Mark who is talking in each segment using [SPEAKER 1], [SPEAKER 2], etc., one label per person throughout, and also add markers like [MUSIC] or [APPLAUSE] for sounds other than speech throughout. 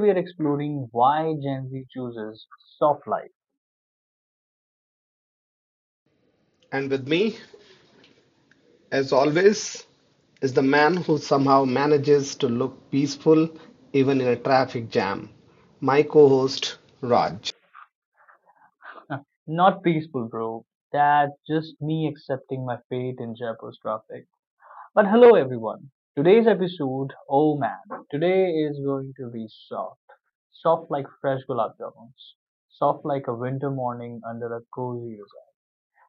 [SPEAKER 1] We are exploring why Gen Z chooses soft life.
[SPEAKER 2] And with me as always is the man who somehow manages to look peaceful even in a traffic jam. My co-host Raj.
[SPEAKER 1] Not peaceful, bro. That's just me accepting my fate in Jaipur's traffic. But hello, everyone. Today's episode, oh man, today is going to be soft. Soft like fresh gulab jamuns. Soft like a winter morning under a cozy resort.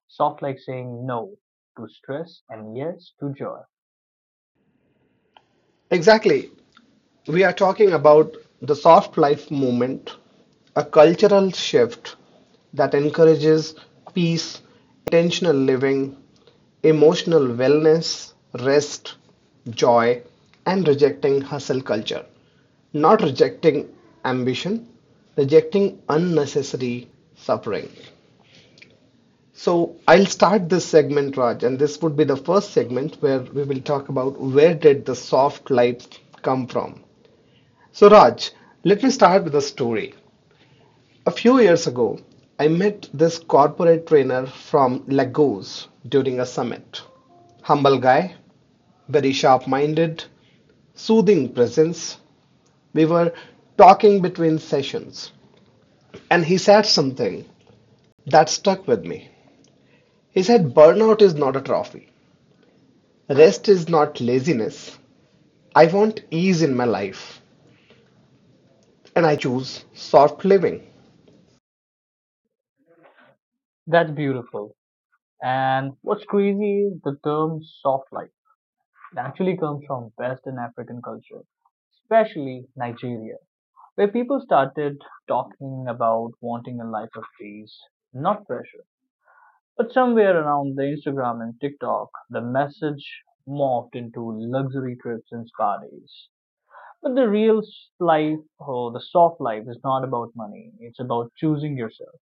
[SPEAKER 1] Soft like saying no to stress and yes to joy.
[SPEAKER 2] Exactly. We are talking about the soft life movement, a cultural shift that encourages peace, intentional living, emotional wellness, rest, joy, and rejecting hustle culture. Not rejecting ambition, rejecting unnecessary suffering. So I'll start this segment, Raj, and this would be the first segment where we will talk about where did the soft life come from. So, Raj, let me start with a story. A few years ago, I met this corporate trainer from Lagos during a summit. Humble guy, very sharp minded, soothing presence. We were talking between sessions, and he said something that stuck with me. He said, "Burnout is not a trophy, rest is not laziness. I want ease in my life, and I choose soft living."
[SPEAKER 1] That's beautiful. And what's crazy is the term soft life actually comes from Western African culture, especially Nigeria, where people started talking about wanting a life of peace, not pressure. But somewhere around the Instagram and TikTok, the message morphed into luxury trips and spa days. But the real life or the soft life is not about money. It's about choosing yourself.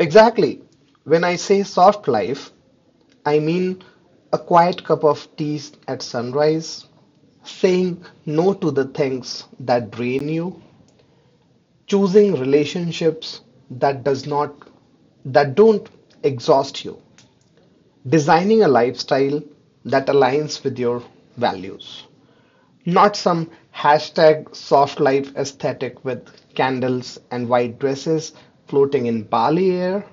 [SPEAKER 2] Exactly. When I say soft life, I mean, a quiet cup of tea at sunrise, saying no to the things that drain you, choosing relationships that does not that don't exhaust you, designing a lifestyle that aligns with your values, not some hashtag soft life aesthetic with candles and white dresses floating in Bali air.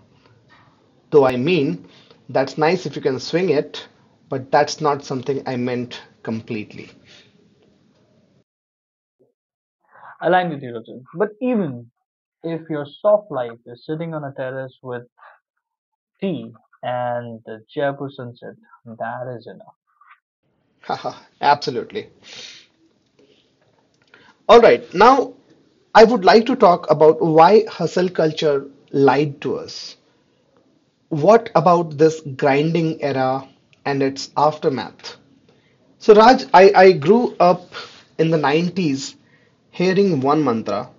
[SPEAKER 2] Though I mean, that's nice if you can swing it, but that's not something I meant completely.
[SPEAKER 1] Aligned with your Rajat. But even if your soft life is sitting on a terrace with tea and the Jaipur sunset. That is enough.
[SPEAKER 2] Haha, [LAUGHS] absolutely. All right, now I would like to talk about why hustle culture lied to us. What about this grinding era and its aftermath? So, Raj, I grew up in the 90s hearing one mantra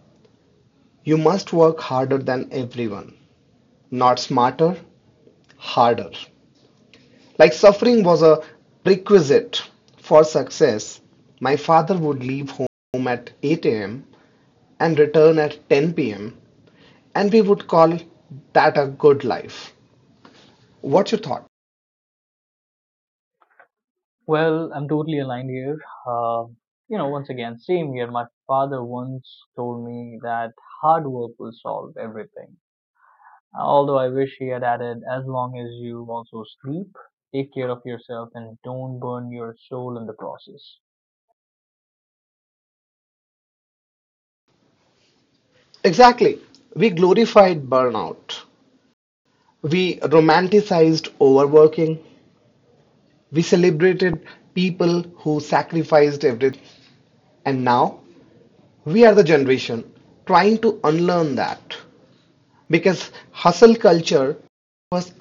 [SPEAKER 2] you must work harder than everyone, not smarter, harder. Like suffering was a prerequisite for success, my father would leave home at 8 a.m. and return at 10 p.m., and we would call that a good life. What's your thought?
[SPEAKER 1] Well, I'm totally aligned here. Uh, Once again, same here. My father once told me that hard work will solve everything. Although I wish he had added, as long as you also sleep, take care of yourself, and don't burn your soul in the process.
[SPEAKER 2] Exactly. We glorified burnout. We romanticized overworking. We celebrated people who sacrificed everything. And now we are the generation trying to unlearn that because hustle culture was.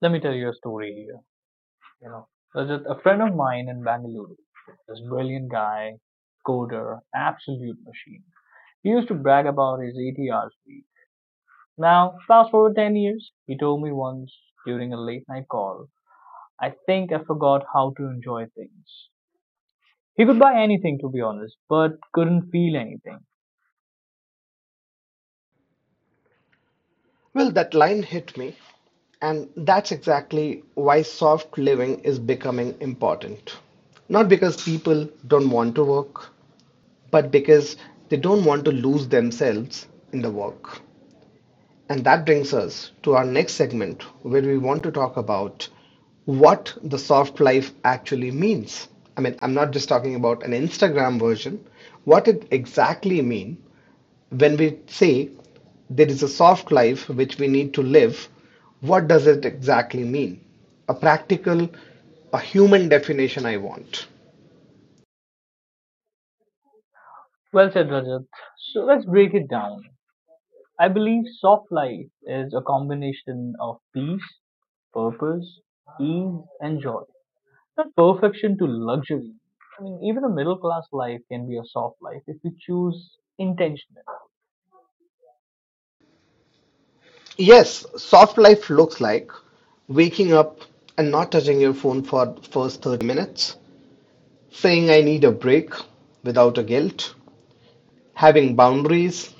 [SPEAKER 1] Let me tell you a story here. You know, Rajat, a friend of mine in Bangalore, this brilliant guy, coder, absolute machine. He used to brag about his 80 hours week. Now, fast forward 10 years, he told me once during a late night call, I think I forgot how to enjoy things. He could buy anything, to be honest, but couldn't feel anything.
[SPEAKER 2] Well, that line hit me, and that's exactly why soft living is becoming important. Not because people don't want to work, but because they don't want to lose themselves in the work. And that brings us to our next segment where we want to talk about what the soft life actually means. I mean, I'm not just talking about an Instagram version, what it exactly means when we say there is a soft life which we need to live, what does it exactly mean? A practical, a human definition I want.
[SPEAKER 1] Well said, Rajat. So let's break it down. I believe soft life is a combination of peace, purpose, ease, and joy. Not perfection to luxury. I mean, even a middle class life can be a soft life if you choose intentionally.
[SPEAKER 2] Yes, soft life looks like waking up and not touching your phone for the first 30 minutes, saying I need a break without a guilt, having boundaries,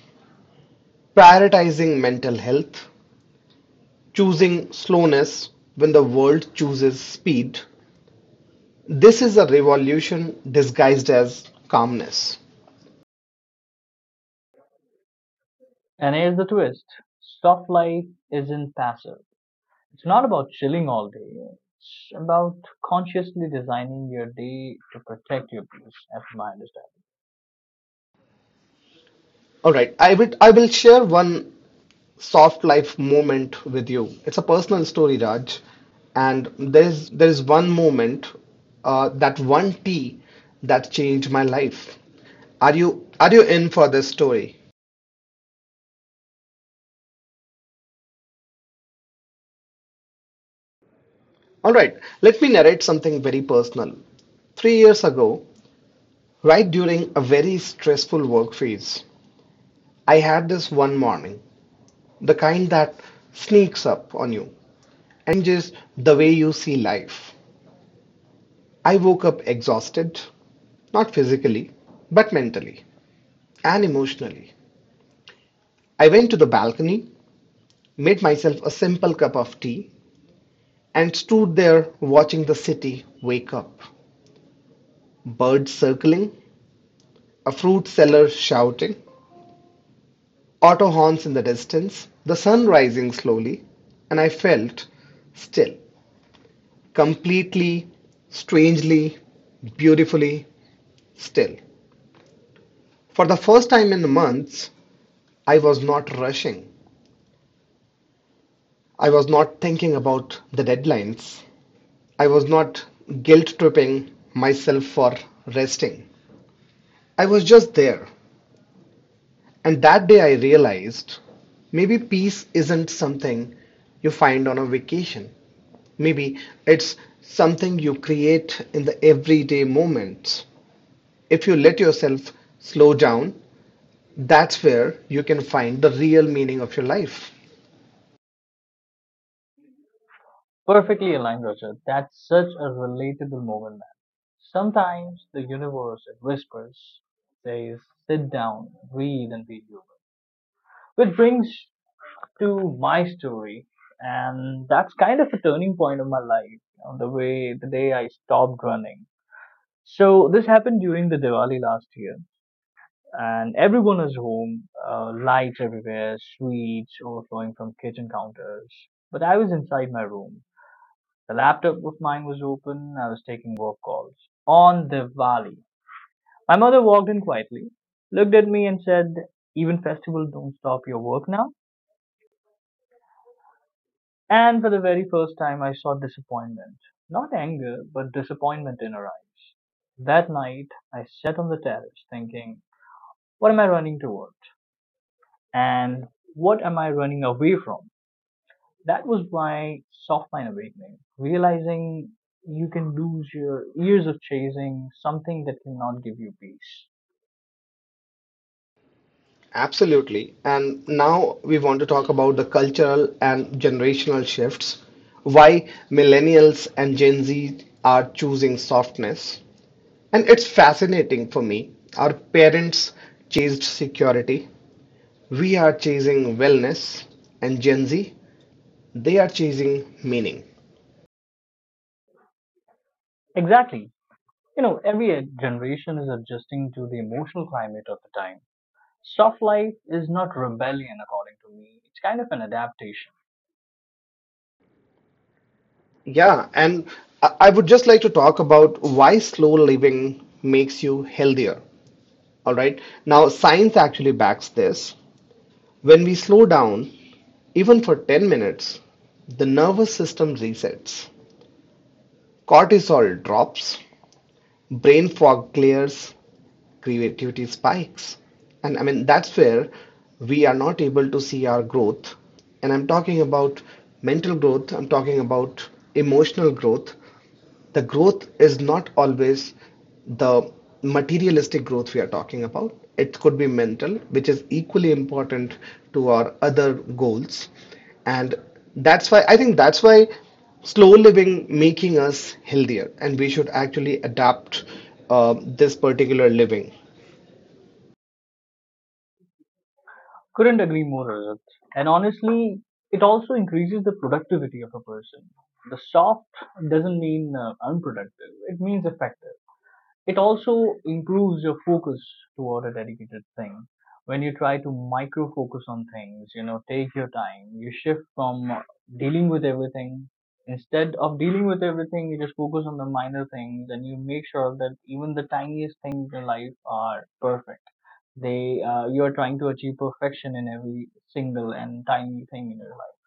[SPEAKER 2] prioritizing mental health, choosing slowness when the world chooses speed. This is a revolution disguised as calmness.
[SPEAKER 1] And here's the twist, soft life isn't passive. It's not about chilling all day. It's about consciously designing your day to protect your peace, as my understanding.
[SPEAKER 2] All right, I will share one soft life moment with you. It's a personal story, Raj, and there's one moment, that one tea that changed my life. Are you in for this story? All right, let me narrate something very personal. 3 years ago, right during a very stressful work phase, I had this one morning, the kind that sneaks up on you. Changes the way you see life. I woke up exhausted, not physically, but mentally and emotionally. I went to the balcony, made myself a simple cup of tea, and stood there watching the city wake up. Birds circling, a fruit seller shouting, auto horns in the distance, the sun rising slowly, and I felt still, completely, strangely, beautifully still. For the first time in months, I was not rushing. I was not thinking about the deadlines. I was not guilt tripping myself for resting. I was just there. And that day I realized maybe peace isn't something you find on a vacation. Maybe it's something you create in the everyday moments. If you let yourself slow down, that's where you can find the real meaning of your life.
[SPEAKER 1] Perfectly aligned, Roger. That's such a relatable moment, man. Sometimes the universe it whispers, says, sit down, breathe, and be human. Which brings to my story, and that's kind of a turning point of my life, on the way the day I stopped running. So this happened during the Diwali last year, and everyone is home, lights everywhere, sweets overflowing from kitchen counters. But I was inside my room. The laptop of mine was open. I was taking work calls on Diwali. My mother walked in quietly, looked at me, and said, even festivals don't stop your work now. And for the very first time, I saw disappointment. Not anger, but disappointment in her eyes. That night, I sat on the terrace thinking, what am I running towards? And what am I running away from? That was my soft line awakening, realizing you can lose your years of chasing something that cannot give you peace.
[SPEAKER 2] Absolutely. And now we want to talk about the cultural and generational shifts, why millennials and Gen Z are choosing softness. And it's fascinating for me. Our parents chased security, we are chasing wellness, and Gen Z, they are chasing meaning.
[SPEAKER 1] Exactly. You know, every generation is adjusting to the emotional climate of the time. Soft life is not rebellion, according to me. It's kind of an adaptation.
[SPEAKER 2] Yeah, and I would just like to talk about why slow living makes you healthier. All right. Now, science actually backs this. When we slow down, even for 10 minutes, the nervous system resets. Cortisol drops, brain fog clears, creativity spikes. And I mean, that's where we are not able to see our growth. And I'm talking about mental growth, I'm talking about emotional growth, the growth is not always the materialistic growth we are talking about. It could be mental, which is equally important to our other goals. And that's why I think that's why slow living making us healthier, and we should actually adapt this particular living.
[SPEAKER 1] Couldn't agree more, Rajat. And honestly, it also increases the productivity of a person. The soft doesn't mean unproductive, it means effective. It also improves your focus toward a dedicated thing. When you try to micro focus on things, you know, take your time, you shift from dealing with everything. Instead of dealing with everything, you just focus on the minor things and you make sure that even the tiniest things in life are perfect. You are trying to achieve perfection in every single and tiny thing in your life.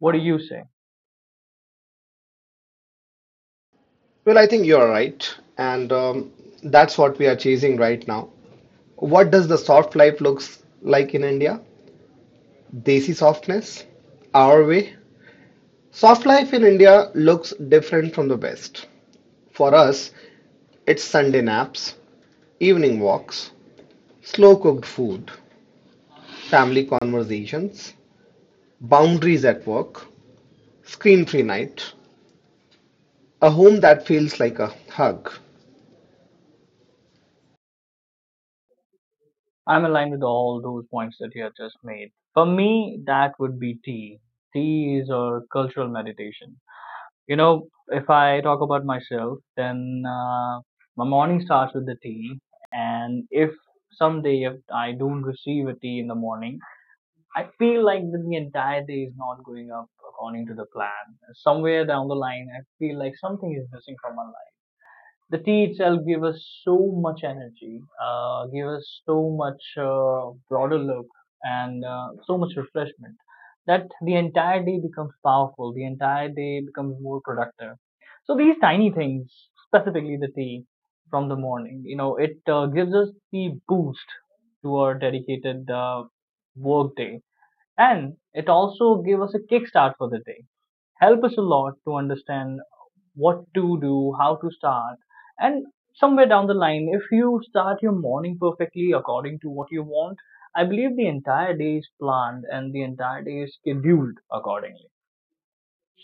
[SPEAKER 1] What do you say?
[SPEAKER 2] Well, I think you're right, and that's what we are chasing right now. What does the soft life looks like in India? Desi softness, our way. Soft life in India looks different from the West. For us, it's Sunday naps, evening walks, slow cooked food, family conversations, boundaries at work, screen free night, a home that feels like a hug.
[SPEAKER 1] I'm aligned with all those points that you have just made. For me, that would be tea. Tea is a cultural meditation. You know, if I talk about myself, then my morning starts with the tea. And if someday if I don't receive a tea in the morning, I feel like that the entire day is not going up according to the plan. Somewhere down the line, I feel like something is missing from my life. The tea itself gave us so much energy, gave us so much broader look and so much refreshment that the entire day becomes powerful, the entire day becomes more productive. So these tiny things, specifically the tea from the morning, you know, it gives us the boost to our dedicated work day. And it also gave us a kickstart for the day. Help us a lot to understand what to do, how to start. And somewhere down the line, if you start your morning perfectly according to what you want, I believe the entire day is planned and the entire day is scheduled accordingly.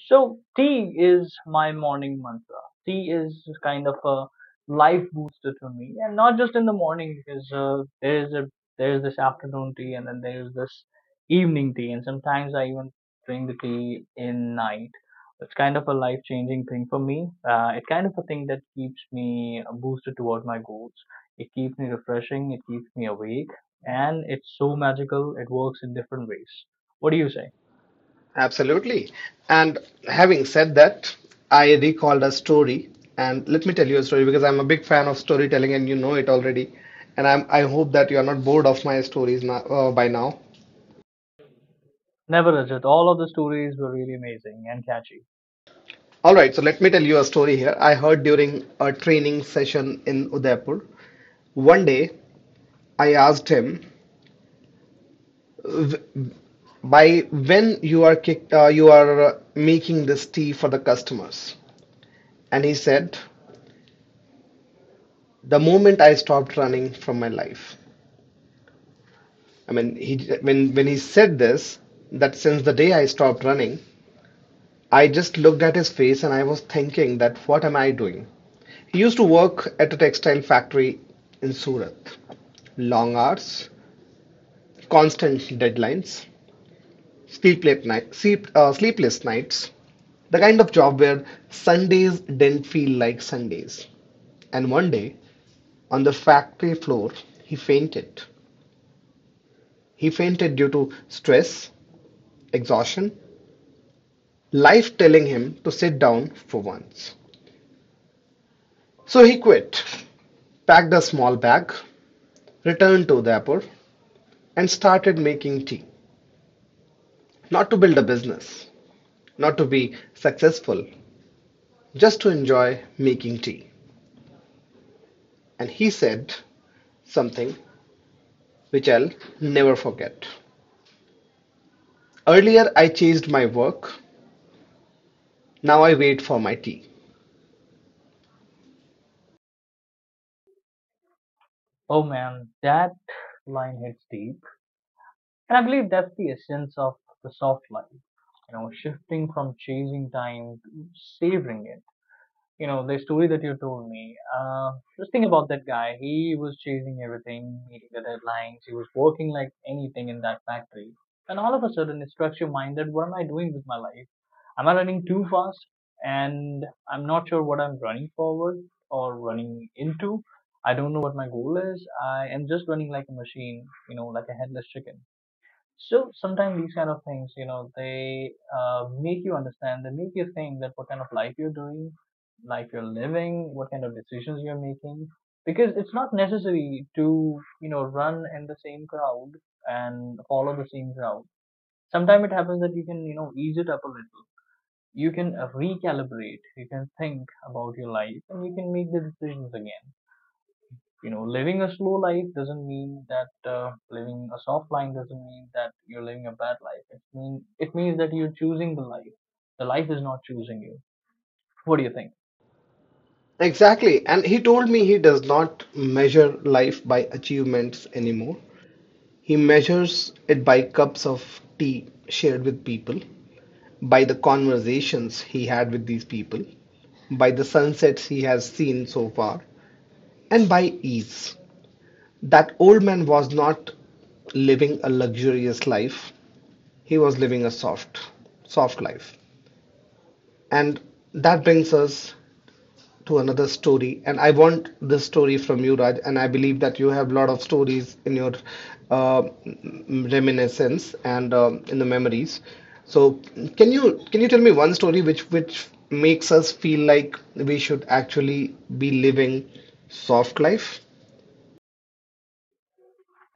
[SPEAKER 1] So tea is my morning mantra. Tea is kind of a life booster to me, and not just in the morning because there is a there is this afternoon tea, and then there is this evening tea, and sometimes I even drink the tea in night. It's kind of a life changing thing for me. It's kind of a thing that keeps me boosted toward my goals. It keeps me refreshing. It keeps me awake, and it's so magical. It works in different ways. What do you say?
[SPEAKER 2] Absolutely. And having said that, I recalled a story and let me tell you a story because I'm a big fan of storytelling and you know it already. And I hope that you are not bored of my stories now, by now.
[SPEAKER 1] Never Rajat, all of the stories were really amazing and catchy.
[SPEAKER 2] All right, so let me tell you a story here. I heard during a training session in Udaipur. One day, I asked him, "W- By when you are making this tea for the customers?" And he said, "The moment I stopped running from my life." I mean, he when he said this, that since the day I stopped running, I just looked at his face and I was thinking that what am I doing? He used to work at a textile factory in Surat. Long hours, constant deadlines, sleepless nights, the kind of job where Sundays didn't feel like Sundays. And one day, on the factory floor, he fainted. He fainted due to stress, exhaustion, life telling him to sit down for once. So he quit, packed a small bag, returned to the airport, and started making tea. Not to build a business, not to be successful, just to enjoy making tea. And he said something which I'll never forget. "Earlier I chased my work, now I wait for my tea."
[SPEAKER 1] Oh man, that line hits deep. And I believe that's the essence of the soft life, you know, shifting from chasing time to savoring it. The story that you told me, just think about that guy. He was chasing everything, meeting the deadlines. He was working like anything in that factory. And all of a sudden, it struck your mind that what am I doing with my life? Am I running too fast? And I'm not sure what I'm running forward or running into. I don't know what my goal is. I am just running like a machine, you know, like a headless chicken. So sometimes these kind of things, you know, they make you understand. They make you think that what kind of life you're doing, life you're living, what kind of decisions you're making. Because it's not necessary to, you know, run in the same crowd and follow the same crowd. Sometimes it happens that you can, you know, ease it up a little. You can recalibrate. You can think about your life, and you can make the decisions again. You know living a slow life doesn't mean that living a soft life doesn't mean that you're living a bad life. It means that you're choosing the life, the life is not choosing you. What do you think?
[SPEAKER 2] Exactly. And he told me he does not measure life by achievements anymore. He measures it by cups of tea shared with people, by the conversations he had with these people, by the sunsets he has seen so far, and by ease. That old man was not living a luxurious life. He was living a soft, soft life. And that brings us to another story. And I want this story from you, Raj. And I believe that you have a lot of stories in your uh, reminiscence and in the memories. So can you tell me one story which makes us feel like we should actually be living soft life?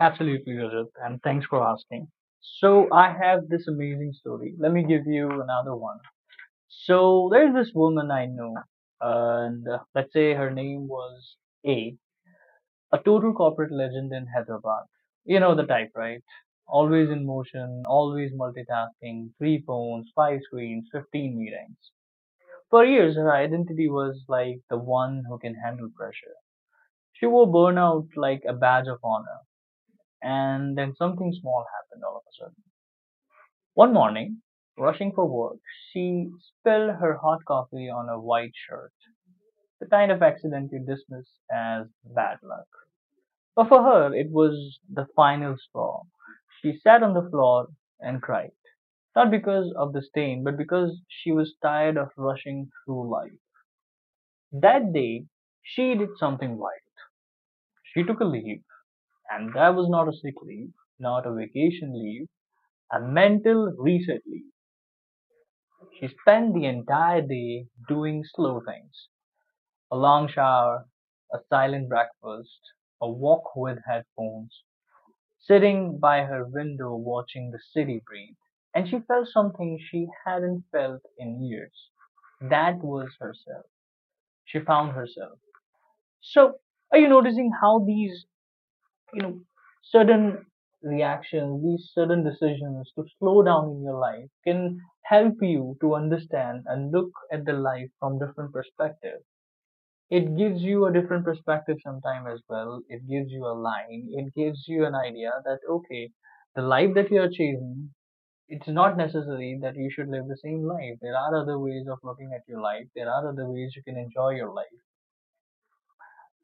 [SPEAKER 1] Absolutely Rajat, and thanks for asking. So I have this amazing story, let me give you another one. So there's this woman I know and let's say her name was A. A total corporate legend in Hyderabad. You know the type, right? Always in motion, always multitasking, three phones, five screens, 15 meetings. For years, her identity was like the one who can handle pressure. She wore burnout like a badge of honor. And then something small happened all of a sudden. One morning, rushing for work, she spilled her hot coffee on a white shirt, the kind of accident you dismiss as bad luck. But for her, it was the final straw. She sat on the floor and cried, not because of the stain, but because she was tired of rushing through life. That day, she did something wild. She took a leave, and that was not a sick leave, not a vacation leave, a mental reset leave. She spent the entire day doing slow things, a long shower, a silent breakfast, a walk with headphones, sitting by her window watching the city breathe, and she felt something she hadn't felt in years. That was herself. She found herself. So, are you noticing how these, you know, sudden reactions, these sudden decisions to slow down in your life can help you to understand and look at the life from different perspectives? It gives you a different perspective sometime as well, it gives you a line, it gives you an idea that okay, the life that you are chasing, it's not necessary that you should live the same life. There are other ways of looking at your life, there are other ways you can enjoy your life.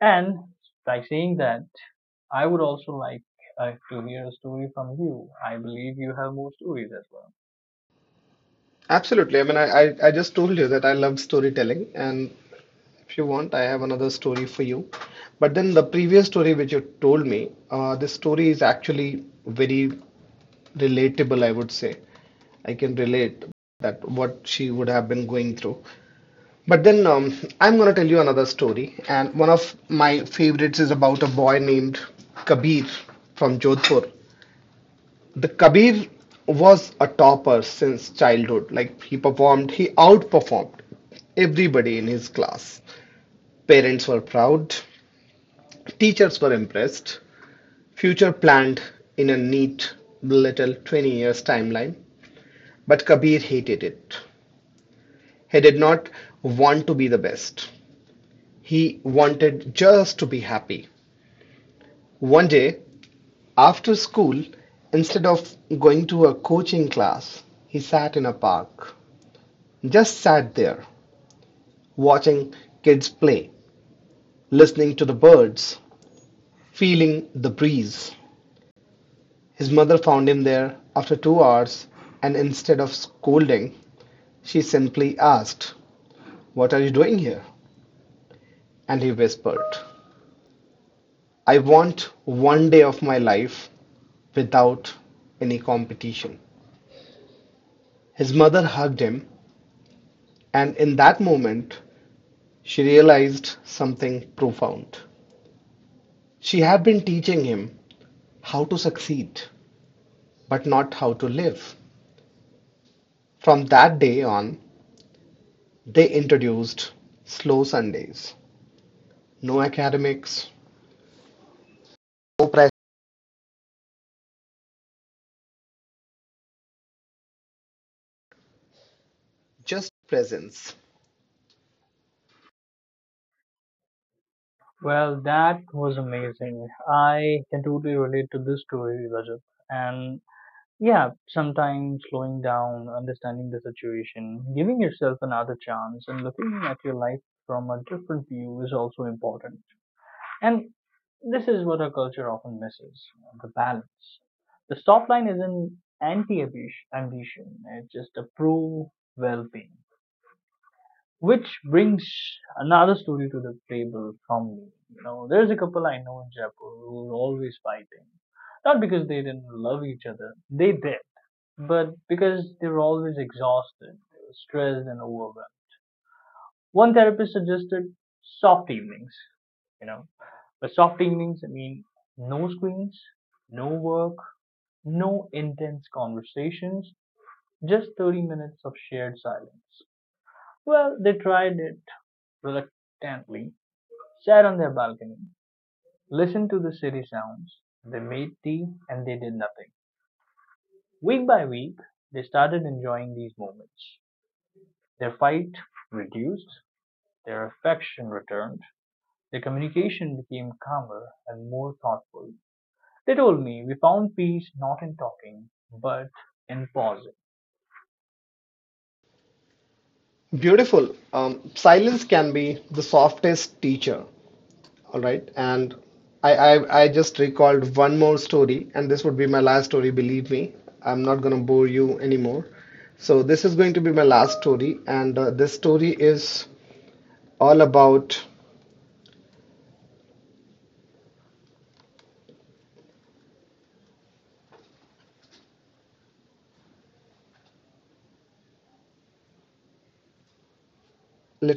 [SPEAKER 1] And by saying that I would also like to hear a story from you. I believe you have more stories as well.
[SPEAKER 2] Absolutely. I mean, I just told you that I love storytelling, and if you want, I have another story for you. But then the previous story which you told me, this story is actually very relatable, I would say. I can relate that what she would have been going through. But then I'm going to tell you another story, and one of my favorites is about a boy named Kabir from Jodhpur. The Kabir was a topper since childhood. Like he performed, he outperformed everybody in his class. Parents were proud, teachers were impressed. Future planned in a neat little 20 years timeline. But Kabir hated it. He did not want to be the best. He wanted just to be happy. One day, after school, instead of going to a coaching class, he sat in a park. Just sat there, watching kids play, listening to the birds, feeling the breeze. His mother found him there after 2 hours, and instead of scolding, she simply asked, "What are you doing here?" And he whispered, "I want one day of my life without any competition." His mother hugged him, and in that moment, she realized something profound. She had been teaching him how to succeed, but not how to live. From that day on, they introduced slow Sundays, no academics, no pressure. Just presence.
[SPEAKER 1] Well, that was amazing. I can totally relate to this story Rajat. And yeah, sometimes slowing down, understanding the situation, giving yourself another chance, and looking at your life from a different view is also important. And this is what our culture often misses, the balance. The stop line is an anti ambition, it's just a pro well being. Which brings another story to the table from me. You know, there's a couple I know in Jaipur who are always fighting. Not because they didn't love each other, they did, but because they were always exhausted, they were stressed and overwhelmed. One therapist suggested soft evenings, you know, but soft evenings, I mean, no screens, no work, no intense conversations, just 30 minutes of shared silence. Well, they tried it reluctantly, sat on their balcony, listened to the city sounds, they made tea, and they did nothing. Week by week, they started enjoying these moments. Their fight reduced, their affection returned, their communication became calmer and more thoughtful. They told me we found peace not in talking, but in pausing.
[SPEAKER 2] Beautiful. Silence can be the softest teacher. All right. And I just recalled one more story, and this would be my last story, believe me. I'm not going to bore you anymore. So, this is going to be my last story, and this story is all about let